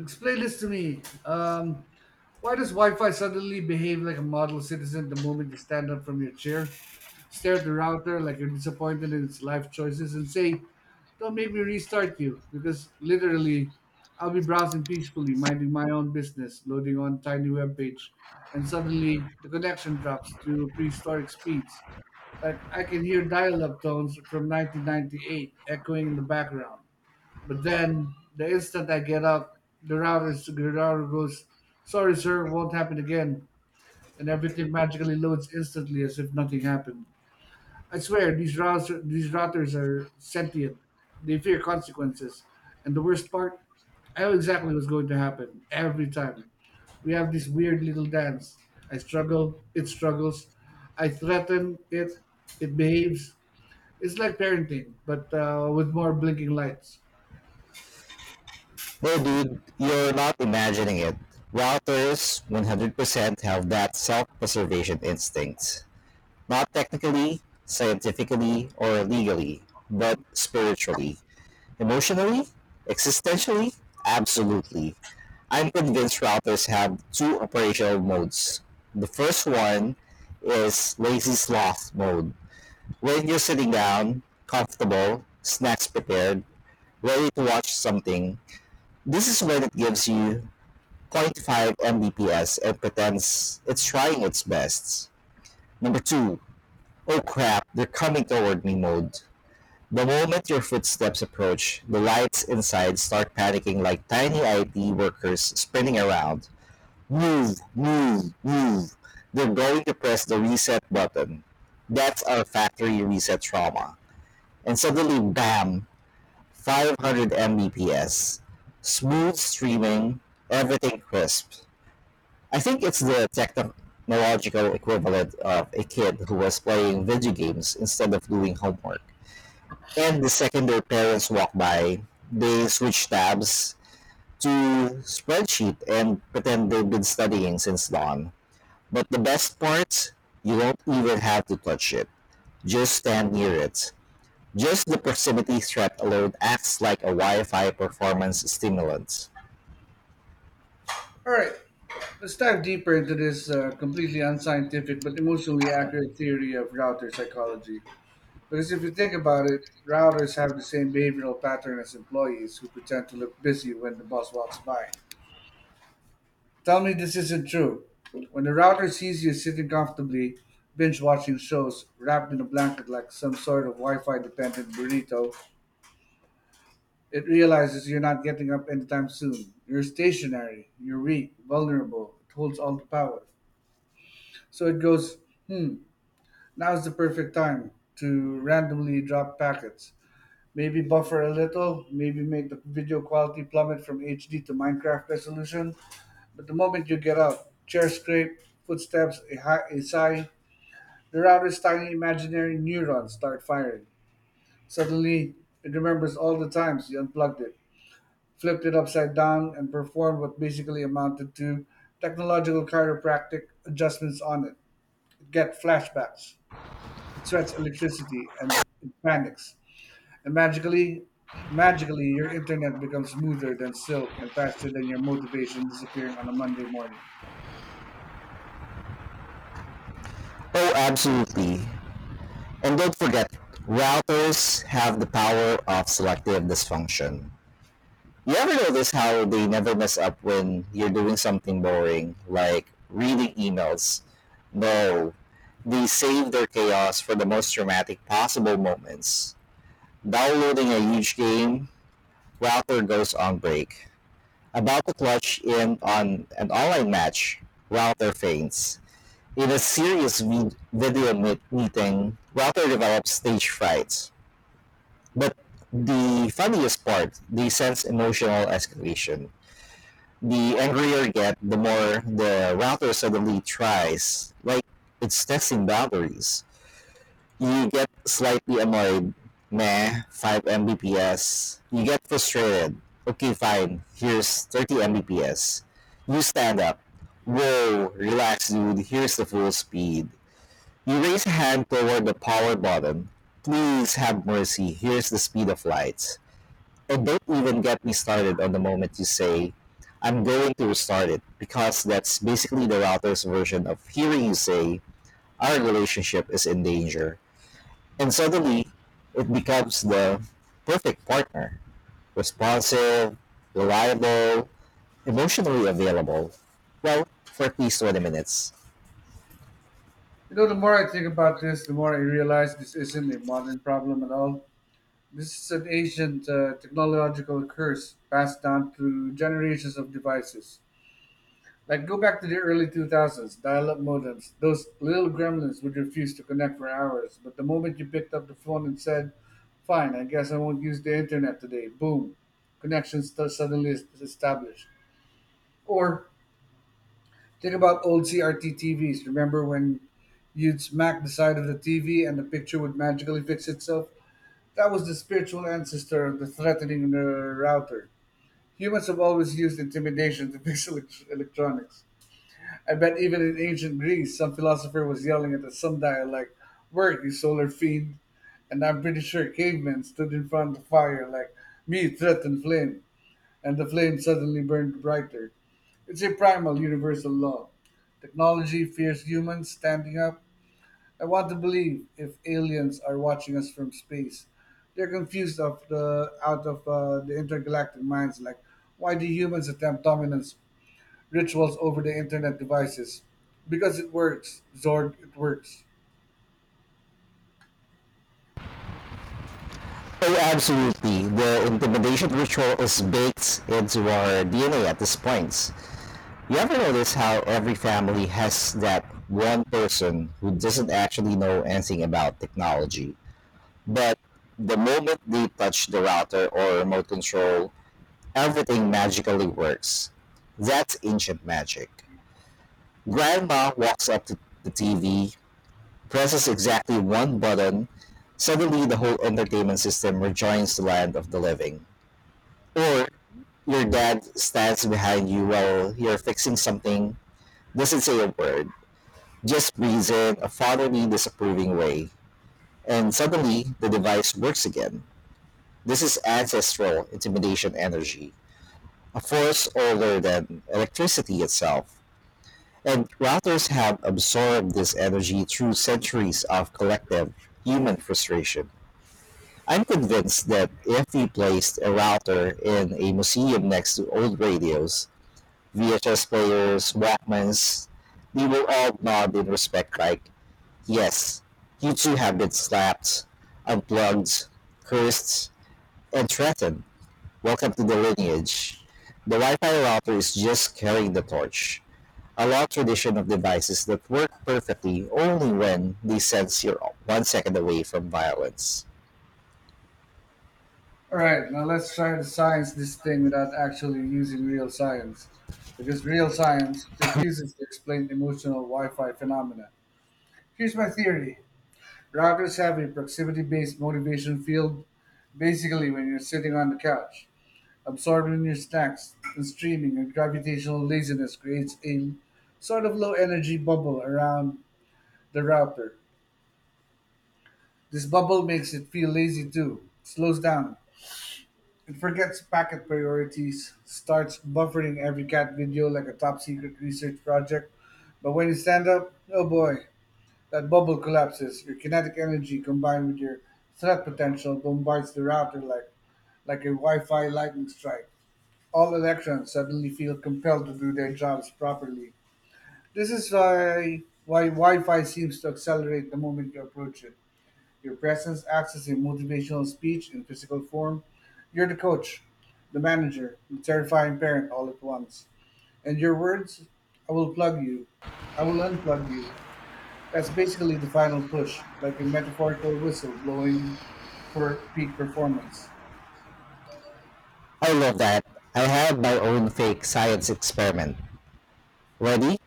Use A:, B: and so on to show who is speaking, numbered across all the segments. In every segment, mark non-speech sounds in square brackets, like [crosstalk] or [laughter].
A: Explain this to me. Why does Wi-Fi suddenly behave like a model citizen the moment you stand up from your chair, stare at the router like you're disappointed in its life choices, and say, "Don't make me restart you," because literally, I'll be browsing peacefully, minding my own business, loading on tiny web page, and suddenly the connection drops to prehistoric speeds. Like I can hear dial-up tones from 1998 echoing in the background. But then the instant I get up, the router goes, "Sorry, sir, won't happen again," and everything magically loads instantly as if nothing happened. I swear these routers are sentient. They fear consequences, and the worst part, I know exactly what's going to happen every time. We have this weird little dance. I struggle, it struggles. I threaten it, it behaves. It's like parenting, but with more blinking lights.
B: No dude, you're not imagining it. Routers 100% have that self-preservation instinct. Not technically, scientifically, or legally, but spiritually, emotionally, existentially, absolutely. I'm convinced routers have two operational modes. The first one is lazy sloth mode. When you're sitting down, comfortable, snacks prepared, ready to watch something, this is when it gives you zero point 0.5 Mbps and pretends it's trying its best. Number two, oh crap, they're coming toward me mode. The moment your footsteps approach, the lights inside start panicking like tiny IT workers spinning around. Move, move, move. They're going to press the reset button. That's our factory reset trauma. And suddenly, bam, 500 Mbps. Smooth streaming, everything crisp. I think it's the technological equivalent of a kid who was playing video games instead of doing homework. And the second their parents walk by, they switch tabs to spreadsheet and pretend they've been studying since dawn. But the best part, you don't even have to touch it. Just stand near it. Just the proximity threat alone acts like a Wi-Fi performance stimulant.
A: All right. Let's dive deeper into this completely unscientific but emotionally accurate theory of router psychology. Because if you think about it, routers have the same behavioral pattern as employees who pretend to look busy when the boss walks by. Tell me this isn't true. When the router sees you sitting comfortably, binge watching shows, wrapped in a blanket like some sort of Wi Fi dependent burrito, it realizes you're not getting up anytime soon. You're stationary, you're weak, vulnerable, it holds all the power. So it goes, hmm, now's the perfect time to randomly drop packets. Maybe buffer a little, maybe make the video quality plummet from HD to Minecraft resolution. But the moment you get out, chair scrape, footsteps, a sigh, the router's tiny imaginary neurons start firing. Suddenly, it remembers all the times you unplugged it, flipped it upside down, and performed what basically amounted to technological chiropractic adjustments on it. Get flashbacks. It sweats electricity and it panics. And magically, your internet becomes smoother than silk and faster than your motivation disappearing on a Monday morning.
B: Oh, absolutely. And don't forget, routers have the power of selective dysfunction. You ever notice how they never mess up when you're doing something boring, like reading emails? No, they save their chaos for the most dramatic possible moments. Downloading a huge game, router goes on break. About to clutch in on an online match, router faints. In a serious meeting, router develops stage fright. But the funniest part, the sense emotional escalation. The angrier you get, the more the router suddenly tries. Like it's testing boundaries. You get slightly annoyed. Meh, 5 Mbps. You get frustrated. Okay, fine. Here's 30 Mbps. You stand up. Whoa, relax, dude. Here's the full speed. You raise a hand toward the power button. Please have mercy. Here's the speed of light. So don't even get me started on the moment you say, I'm going to restart it, because that's basically the router's version of hearing you say, our relationship is in danger. And suddenly, it becomes the perfect partner: responsive, reliable, emotionally available. Well, for at least 20 minutes.
A: You know, the more I think about this, the more I realize this isn't a modern problem at all. This is an ancient technological curse passed down through generations of devices. Like go back to the early 2000s, dial-up modems. Those little gremlins would refuse to connect for hours, but the moment you picked up the phone and said, "Fine, I guess I won't use the internet today," boom, connection suddenly is established. Or think about old CRT TVs. Remember when you'd smack the side of the TV and the picture would magically fix itself? That was the spiritual ancestor of the threatening router. Humans have always used intimidation to [laughs] fix electronics. I bet even in ancient Greece, some philosopher was yelling at the sundial like, "Work, you solar fiend!" And I'm pretty sure cavemen stood in front of the fire like, "Me threaten flame," and the flame suddenly burned brighter. It's a primal universal law. Technology fears humans standing up. I want to believe if aliens are watching us from space, they're confused of the out of the intergalactic minds. Like, why do humans attempt dominance rituals over the internet devices. Because it works, Zorg, it works.
B: Oh, absolutely. The intimidation ritual is baked into our DNA at this point. You ever notice how every family has that one person who doesn't actually know anything about technology, but the moment they touch the router or remote control, everything magically works. That's ancient magic. Grandma walks up to the TV, presses exactly one button, suddenly the whole entertainment system rejoins the land of the living. Or your dad stands behind you while you're fixing something, doesn't say a word, just please in a fatherly disapproving way, and suddenly the device works again. This is ancestral intimidation energy, a force older than electricity itself. And routers have absorbed this energy through centuries of collective human frustration. I'm convinced that if we placed a router in a museum next to old radios, VHS players, Walkmans, they will all nod in respect like, yes, you too have been slapped, unplugged, cursed, and threatened. Welcome to the lineage. The Wi-Fi router is just carrying the torch. A long tradition of devices that work perfectly only when they sense you're 1 second away from violence.
A: Alright, now let's try to science this thing without actually using real science. Because real science refuses to explain emotional Wi Fi phenomena. Here's my theory: routers have a proximity based motivation field. Basically, when you're sitting on the couch, absorbing your snacks and streaming, your gravitational laziness creates a sort of low energy bubble around the router. This bubble makes it feel lazy too. It slows down. It forgets packet priorities, starts buffering every cat video like a top secret research project. But when you stand up, oh boy, that bubble collapses. Your kinetic energy combined with your threat potential bombards the router like a Wi Fi lightning strike. All electrons suddenly feel compelled to do their jobs properly. This is why Wi Fi seems to accelerate the moment you approach it. Your presence acts as a motivational speech in physical form. You're the coach, the manager, the terrifying parent all at once. And your words, I will plug you. I will unplug you. That's basically the final push, like a metaphorical whistle blowing for peak performance.
B: I love that. I have my own fake science experiment. Ready?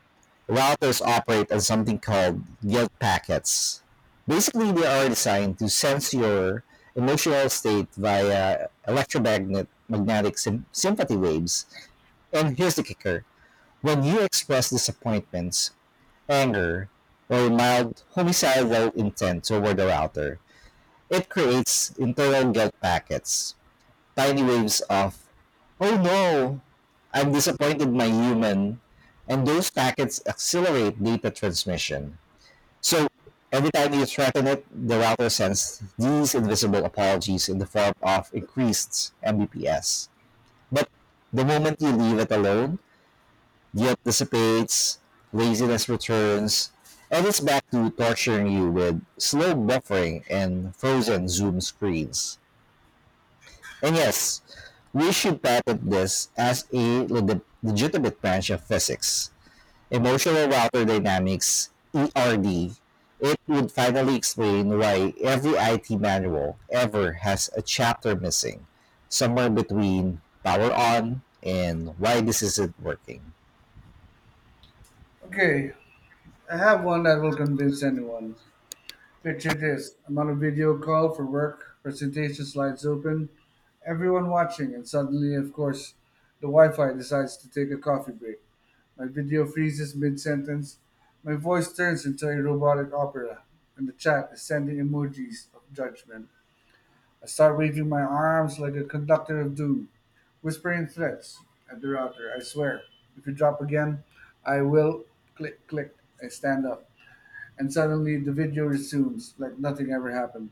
B: Routers operate on something called guilt packets. Basically, they are designed to sense your emotional state via electromagnetic sympathy waves. And here's the kicker: when you express disappointments, anger, or mild homicidal intent toward the router, it creates internal guilt packets, tiny waves of, oh no, I've disappointed my human, and those packets accelerate data transmission. So every time you threaten it, the router sends these invisible apologies in the form of increased Mbps. But the moment you leave it alone, guilt dissipates, laziness returns, and it's back to torturing you with slow buffering and frozen zoom screens. And yes, we should patent this as a legitimate branch of physics: Emotional Router Dynamics (ERD). It would finally explain why every IT manual ever has a chapter missing, somewhere between power on and why this isn't working.
A: Okay, I have one that will convince anyone. Picture this: I'm on a video call for work, presentation slides open, everyone watching, and suddenly, of course, the Wi Fi decides to take a coffee break. My video freezes mid sentence. My voice turns into a robotic opera, and the chat is sending emojis of judgment. I start waving my arms like a conductor of doom, whispering threats at the router. I swear, if you drop again, I will click, click. I stand up, and suddenly the video resumes like nothing ever happened.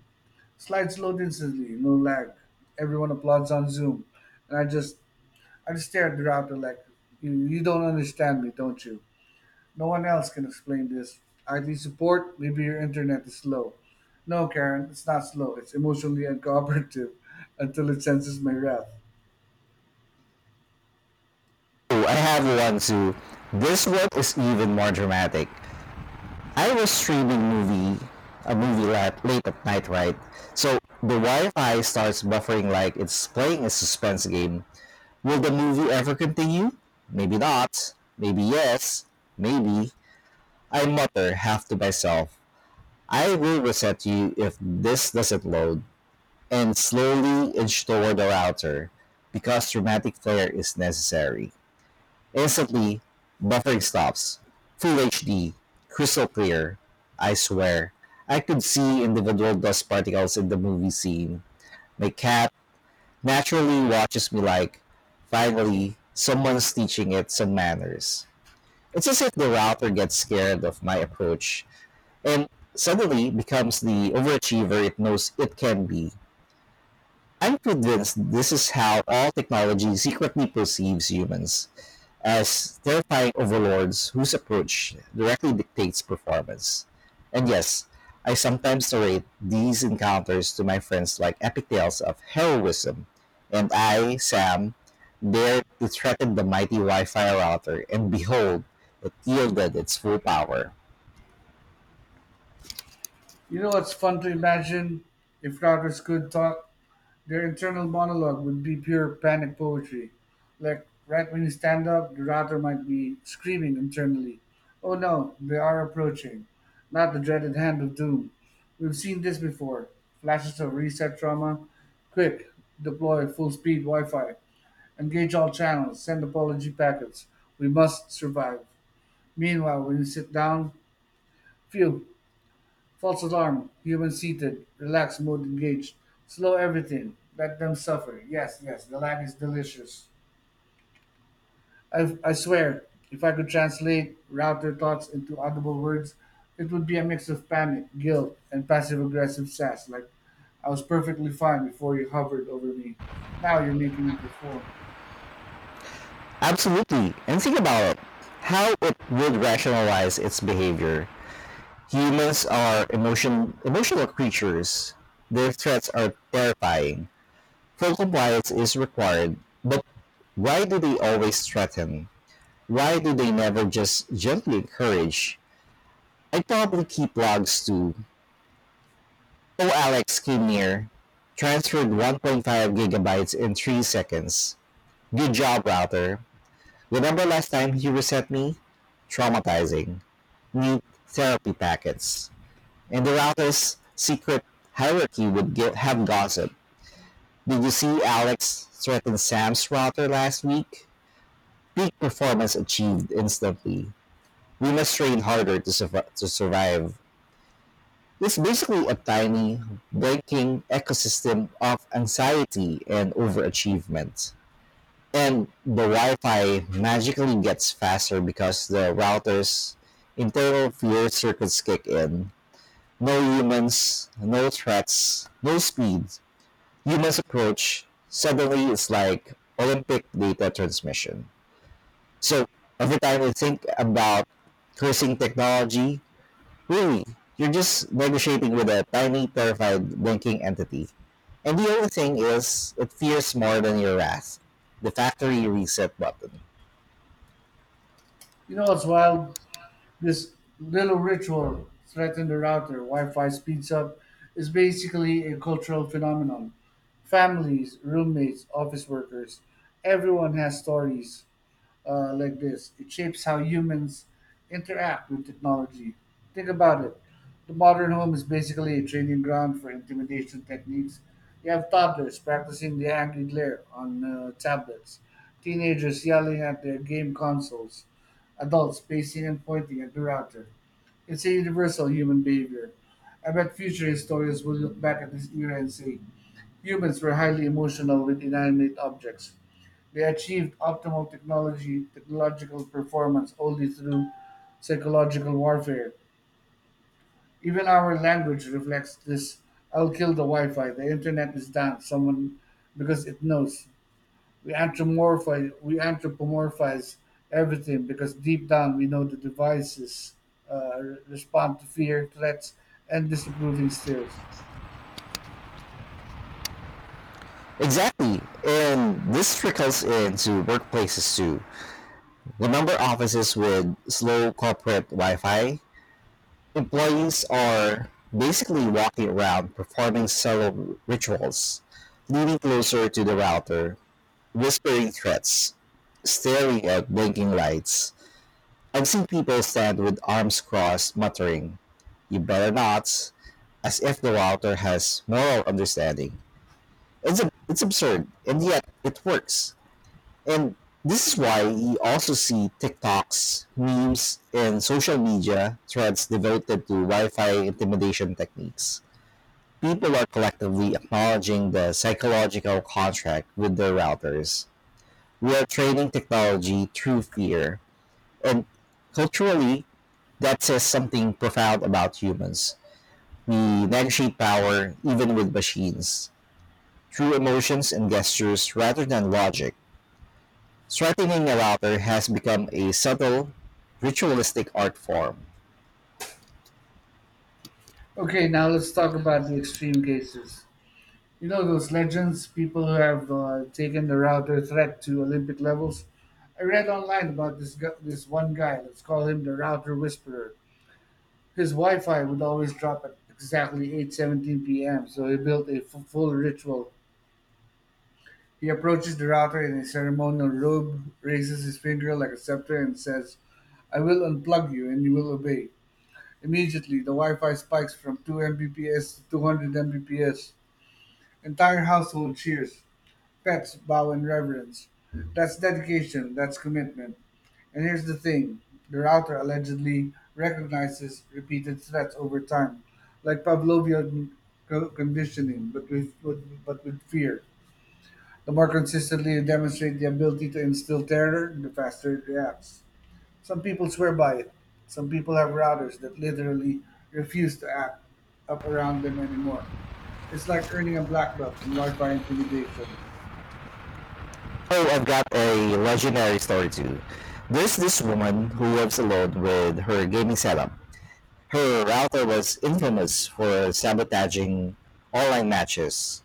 A: Slides load instantly, no lag. Everyone applauds on Zoom, and I just stare at the router like, you don't understand me, don't you? No one else can explain this. IT support, maybe your internet is slow. No, Karen, it's not slow. It's emotionally uncooperative [laughs] until it senses my wrath.
B: Oh, I have one too. This one is even more dramatic. I was a movie late at night, right? So the Wi-Fi starts buffering like it's playing a suspense game. Will the movie ever continue? Maybe not. Maybe yes. Maybe. I mutter half to myself, I will reset you if this doesn't load. And slowly inch toward the router, because dramatic flair is necessary. Instantly, buffering stops. Full HD. Crystal clear. I swear. I could see individual dust particles in the movie scene. My cat naturally watches me like, finally, someone's teaching it some manners. It's as if the router gets scared of my approach and suddenly becomes the overachiever it knows it can be. I'm convinced this is how all technology secretly perceives humans, as terrifying overlords whose approach directly dictates performance. And yes, I sometimes narrate these encounters to my friends like epic tales of heroism, and I, Sam, dared to threaten the mighty Wi Fi router, and behold, it yielded its full power.
A: You know what's fun to imagine? If routers could talk, their internal monologue would be pure panic poetry. Like right when you stand up, the router might be screaming internally, oh no, they are approaching. Not the dreaded hand of doom. We've seen this before. Flashes of reset trauma. Quick, deploy full speed Wi Fi. Engage all channels. Send apology packets. We must survive. Meanwhile, when you sit down, phew, false alarm. Human seated. Relax mode engaged. Slow everything. Let them suffer. Yes, yes, the lag is delicious. I swear, if I could translate, route their thoughts into audible words, it would be a mix of panic, guilt, and passive aggressive sass. Like, I was perfectly fine before you hovered over me. Now you're making me perform.
B: Absolutely, and think about it, how it would rationalize its behavior. Humans are emotional creatures. Their threats are terrifying. Full compliance is required, but why do they always threaten? Why do they never just gently encourage? I probably keep logs too. Oh, Alex came near. Transferred 1.5 gigabytes in 3 seconds. Good job, router. Remember last time he reset me? Traumatizing. Need therapy packets. And the router's secret hierarchy would have gossip. Did you see Alex threaten Sam's router last week? Peak performance achieved instantly. We must train harder to survive. It's basically a tiny, breaking ecosystem of anxiety and overachievement. And the Wi Fi magically gets faster because the router's internal fear circuits kick in. No humans, no threats, no speed. Humans approach. Suddenly, it's like Olympic data transmission. So every time you think about cursing technology, really, you're just negotiating with a tiny, terrified, blinking entity. And the only thing is, it fears more than your wrath: the factory reset button.
A: You know what's wild? This little ritual, threaten the router, Wi Fi speeds up, is basically a cultural phenomenon. Families, roommates, office workers, everyone has stories like this. It shapes how humans interact with technology. Think about it. The modern home is basically a training ground for intimidation techniques. You have toddlers practicing the angry glare on tablets, teenagers yelling at their game consoles, adults pacing and pointing at the router. It's a universal human behavior. I bet future historians will look back at this era and say humans were highly emotional with inanimate objects. They achieved optimal technology technological performance only through psychological warfare. Even our language reflects this. I'll kill the Wi-Fi. The internet is down. Someone, because it knows. We anthropomorphize. We anthropomorphize everything because deep down we know the devices uh, respond to fear, threats, and disapproving stares.
B: Exactly. And this trickles into workplaces too. Remember offices with slow corporate Wi Fi? Employees are basically walking around performing several rituals, leaning closer to the router, whispering threats, staring at blinking lights. I've seen people stand with arms crossed, muttering, you better not, as if the router has moral understanding. It's absurd, and yet it works. And this is why you also see TikToks, memes, and social media threads devoted to Wi Fi intimidation techniques. People are collectively acknowledging the psychological contract with their routers. We are training technology through fear, and culturally, that says something profound about humans. We negotiate power, even with machines, through emotions and gestures rather than logic. Straightening a router has become a subtle, ritualistic art form.
A: Okay, now let's talk about the extreme cases. You know those legends, people who have taken the router threat to Olympic levels. I read online about this one guy. Let's call him the router whisperer. His Wi-Fi would always drop at exactly 8:17 p.m. So he built a full ritual. He approaches the router in a ceremonial robe, raises his finger like a scepter, and says, "I will unplug you, and you will obey." Immediately, the Wi-Fi spikes from 2 Mbps to 200 Mbps. Entire household cheers. That's bow and reverence. That's dedication. That's commitment. And here's the thing: the router allegedly recognizes repeated threats over time, like Pavlovian conditioning, but with fear. The more consistently you demonstrate the ability to instill terror, the faster it reacts. Some people swear by it. Some people have routers that literally refuse to act up around them anymore. It's like earning a black belt in Wi Fi intimidation.
B: Oh, I've got a legendary story too. There's this woman who lives alone with her gaming setup. Her router was infamous for sabotaging online matches: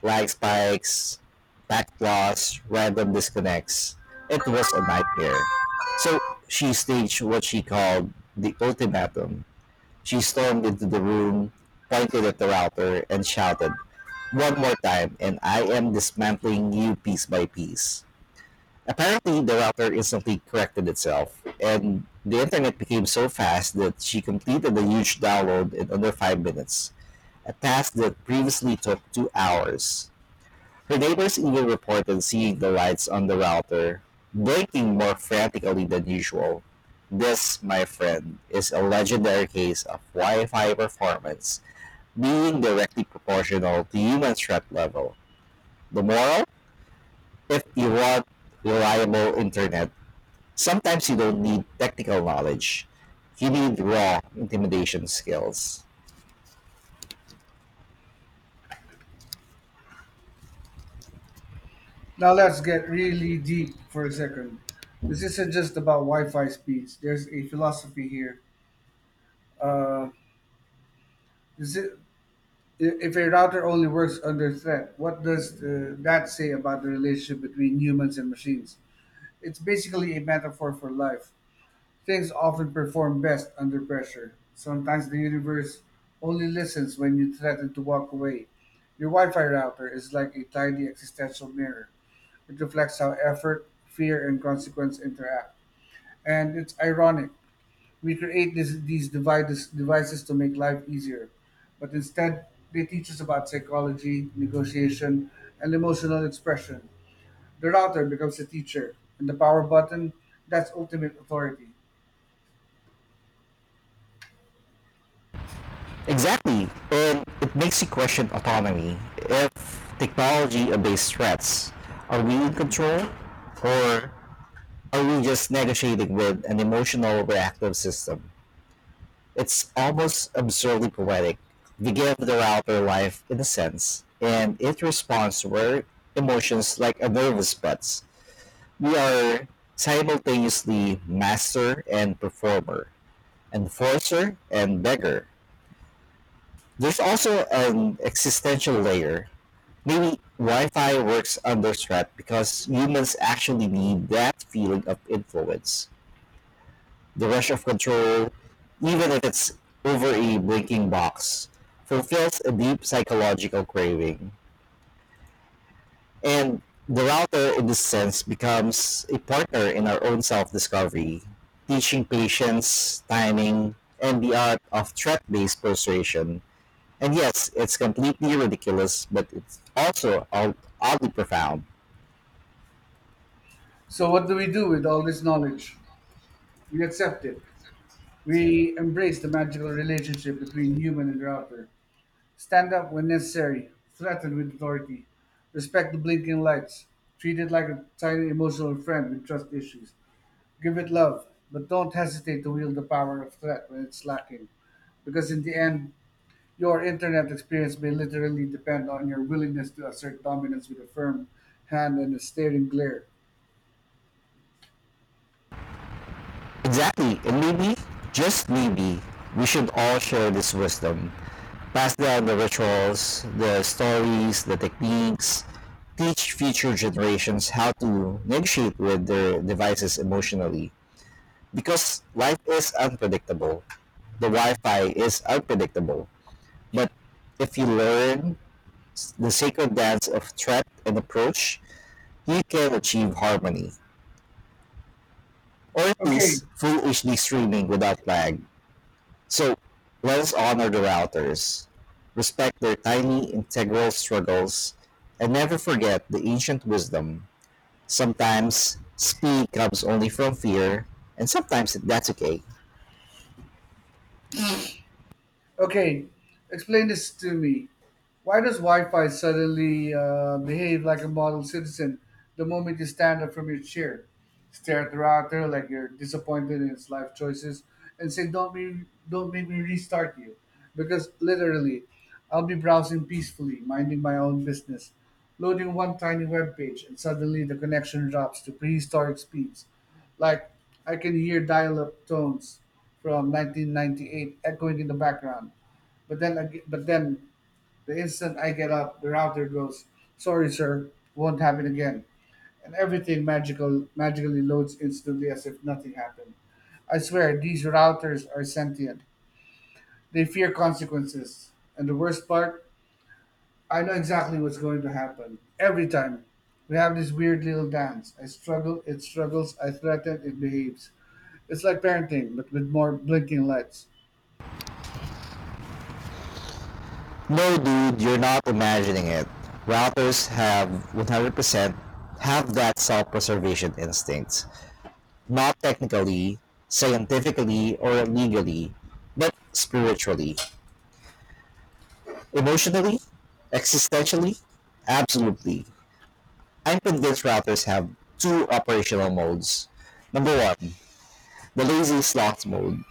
B: lag spikes, back loss, random disconnects. It was a nightmare. So she staged what she called the ultimatum. She stormed into the room, pointed at the router, and shouted, one more time, and I am dismantling you piece by piece. Apparently, the router instantly corrected itself, and the internet became so fast that she completed the huge download in under 5 minutes, a task that previously took 2 hours. Her neighbors even reported seeing the lights on the router blinking more frantically than usual. This, my friend, is a legendary case of Wi-Fi performance being directly proportional to human threat level. The moral? If you want reliable internet, sometimes you don't need technical knowledge. You need raw intimidation skills.
A: Now let's get really deep for a second. This isn't just about Wi-Fi speeds. There's a philosophy here. Uh, is it, if a router only works under threat, what does that say about the relationship between humans and machines? It's basically a metaphor for life. Things often perform best under pressure. Sometimes the universe only listens when you threaten to walk away. Your Wi-Fi router is like a tiny existential mirror. It reflects how effort, fear, and consequence interact. And it's ironic. We create these devices to make life easier, but instead, they teach us about psychology, negotiation, and emotional expression. The router becomes a teacher, and the power button, that's ultimate authority.
B: Exactly. And it makes you question autonomy. If technology obeys threats, are we in control? Or are we just negotiating with an emotional reactive system? It's almost absurdly poetic. We give the router life in a sense, and it responds to our emotions like a nervous buds. We are simultaneously master and performer, enforcer and beggar. There's also an existential layer: maybe Wi-Fi works under threat because humans actually need that feeling of influence, the rush of control, even if it's over a blinking box, fulfills a deep psychological craving. And the router, in this sense, becomes a partner in our own self discovery, teaching patience, timing, and the art of threat based persuasion. And yes, it's completely ridiculous, but it's also oddly profound.
A: So, what do we do with all this knowledge? We accept it. We embrace the magical relationship between human and router. Stand up when necessary, threaten with authority, respect the blinking lights, treat it like a tiny emotional friend with trust issues. Give it love, but don't hesitate to wield the power of threat when it's lacking, because in the end, your internet experience may literally depend on your willingness to assert dominance with a firm hand and a staring glare.
B: Exactly, and maybe, just maybe, we should all share this wisdom. Pass down the rituals, the stories, the techniques, teach future generations how to negotiate with their devices emotionally. Because life is unpredictable, the Wi Fi is unpredictable. But if you learn the sacred dance of threat and approach, you can achieve harmony, or at
A: Okay,
B: least full HD streaming without lag. So, let's honor the routers, respect their tiny integral struggles, and never forget the ancient wisdom. Sometimes speed comes only from fear, and sometimes that's okay.
A: Okay, explain this to me. Why does Wi-Fi suddenly behave like a model citizen the moment you stand up from your chair, stare at the router like you're disappointed in its life choices, and say, "Don't me, don't make me restart you," because literally, I'll be browsing peacefully, minding my own business, loading one tiny web page, and suddenly the connection drops to prehistoric speeds. Like I can hear dial-up tones from 1998 echoing in the background. But then, the instant I get up, the router goes, "Sorry, sir, won't happen again." And everything magically loads instantly as if nothing happened. I swear these routers are sentient. They fear consequences. And the worst part, I know exactly what's going to happen. Every time we have this weird little dance. I struggle, it struggles, I threaten, it behaves. It's like parenting, but with more blinking lights.
B: No, dude, you're not imagining it. Routers have 100% have that self-preservation instinct. Not technically, scientifically, or legally, but spiritually, emotionally, existentially? Absolutely. I'm convinced routers have two operational modes. Number one, the lazy sloth mode.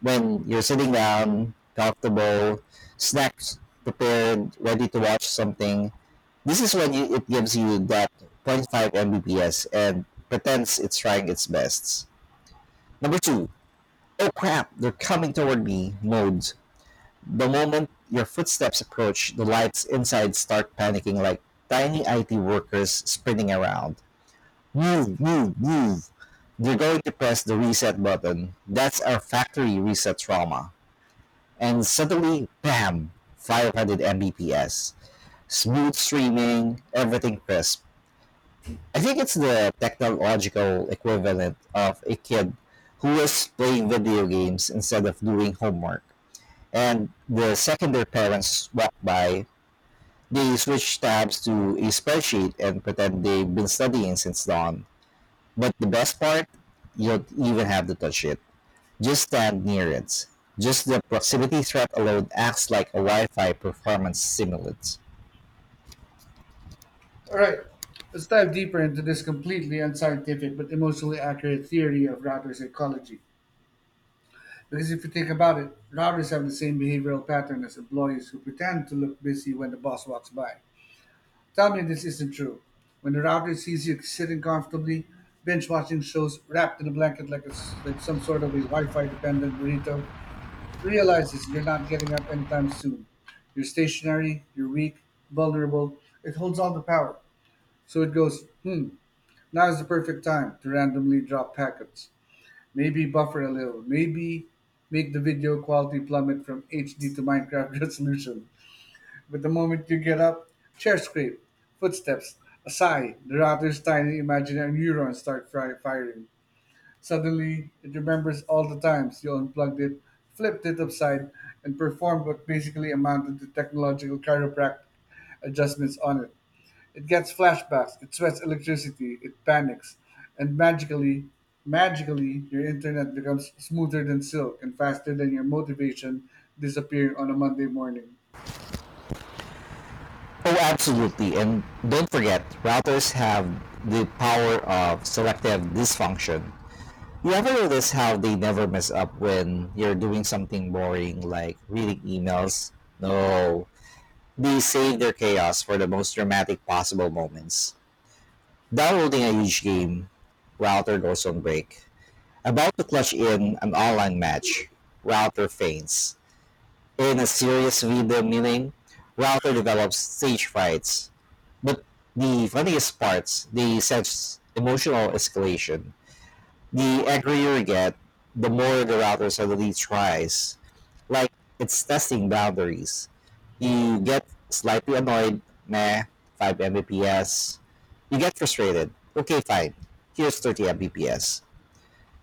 B: When you're sitting down, comfortable, snacks prepared, ready to watch something, this is when it gives you that zero point 0.5 Mbps and pretends it's trying its best. Number two, "oh crap, they're coming toward me" modes. The moment your footsteps approach, the lights inside start panicking like tiny IT workers sprinting around. Move, move, move. They're going to press the reset button. That's our factory reset trauma. And suddenly, bam, 500 Mbps. Smooth streaming, everything crisp. I think it's the technological equivalent of a kid who was playing video games instead of doing homework. And the second their parents walked by, they switched tabs to a spreadsheet and pretend they've been studying since dawn. But the best part, you don't even have to touch it. Just stand near it. Just the proximity threat alone acts like a Wi Fi performance simulant.
A: All right, let's dive deeper into this completely unscientific but emotionally accurate theory of routers' ecology. Because if you think about it, routers have the same behavioral pattern as employees who pretend to look busy when the boss walks by. Tell me this isn't true. When the router sees you sitting comfortably, binge watching shows wrapped in a blanket like some sort of a Wi Fi dependent burrito, realizes you're not getting up anytime soon. You're stationary, you're weak, vulnerable. It holds all the power. So it goes, hmm, now is the perfect time to randomly drop packets. Maybe buffer a little. Maybe make the video quality plummet from HD to Minecraft [laughs] resolution. But the moment you get up, chair scrape, footsteps, a sigh, the router's tiny imaginary neurons start firing. Suddenly, it remembers all the times you unplugged it, flipped it upside, and performed what basically amounted to technological chiropractic adjustments on it. It gets flashbacks, it sweats electricity, it panics, and magically, magically, your internet becomes smoother than silk and faster than your motivation disappearing on a Monday morning.
B: Oh, absolutely. And don't forget, routers have the power of selective dysfunction. You ever notice how they never mess up when you're doing something boring like reading emails? No. They save their chaos for the most dramatic possible moments. Downloading a huge game, router goes on break. About to clutch in an online match, router faints. In a serious video meeting, router develops stage frights. But the funniest parts, they sense emotional escalation. The angrier you get, the more the router suddenly tries. Like it's testing boundaries. You get slightly annoyed, meh, 5 Mbps. You get frustrated. Okay, fine. Here's 30 Mbps.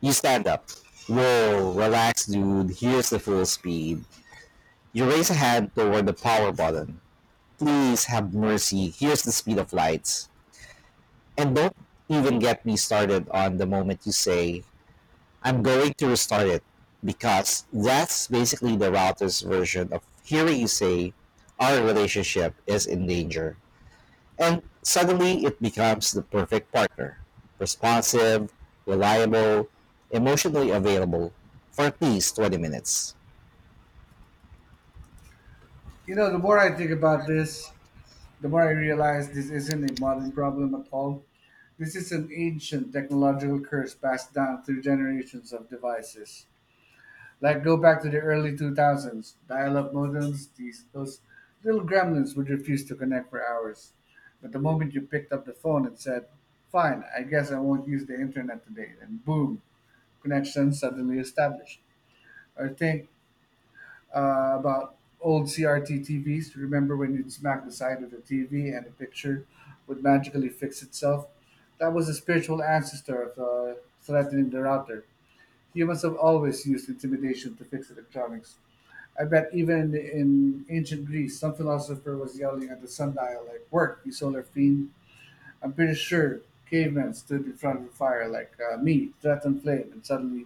B: You stand up. Whoa, relax, dude. Here's the full speed. You raise a hand toward the power button. Please have mercy. Here's the speed of lights. And don't even get me started on the moment you say, I'm going to restart it, because that's basically the router's version of hearing you say, our relationship is in danger. And suddenly it becomes the perfect partner. Responsive, reliable, emotionally available for at least 20 minutes.
A: You know, the more I think about this, the more I realize this isn't a modern problem at all. This is an ancient technological curse passed down through generations of devices. Like go back to the early 2000s, dial-up modems, these those little gremlins would refuse to connect for hours. But the moment you picked up the phone and said, "Fine, I guess I won't use the internet today," and boom, connection suddenly established. Or think about old CRT TVs. Remember when you'd smack the side of the TV and the picture would magically fix itself? That was the spiritual ancestor of threatening the router. Humans have always used intimidation to fix electronics. I bet even in ancient Greece, some philosopher was yelling at the sundial, like, "Work, you solar fiend." I'm pretty sure cavemen stood in front of the fire, like, me, threatened flame, and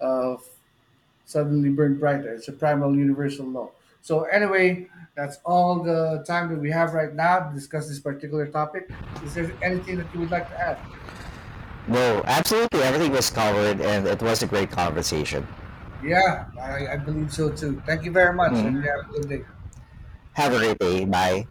A: uh, suddenly burned brighter. It's a primal universal law. So anyway, that's all the time that we have right now to discuss this particular topic. Is there anything that you would like to add?
B: No, absolutely everything was covered and it was a great conversation.
A: Yeah, I believe so too. Thank you very much,
B: Hmm.
A: and you have a good day.
B: Have a great day. Bye.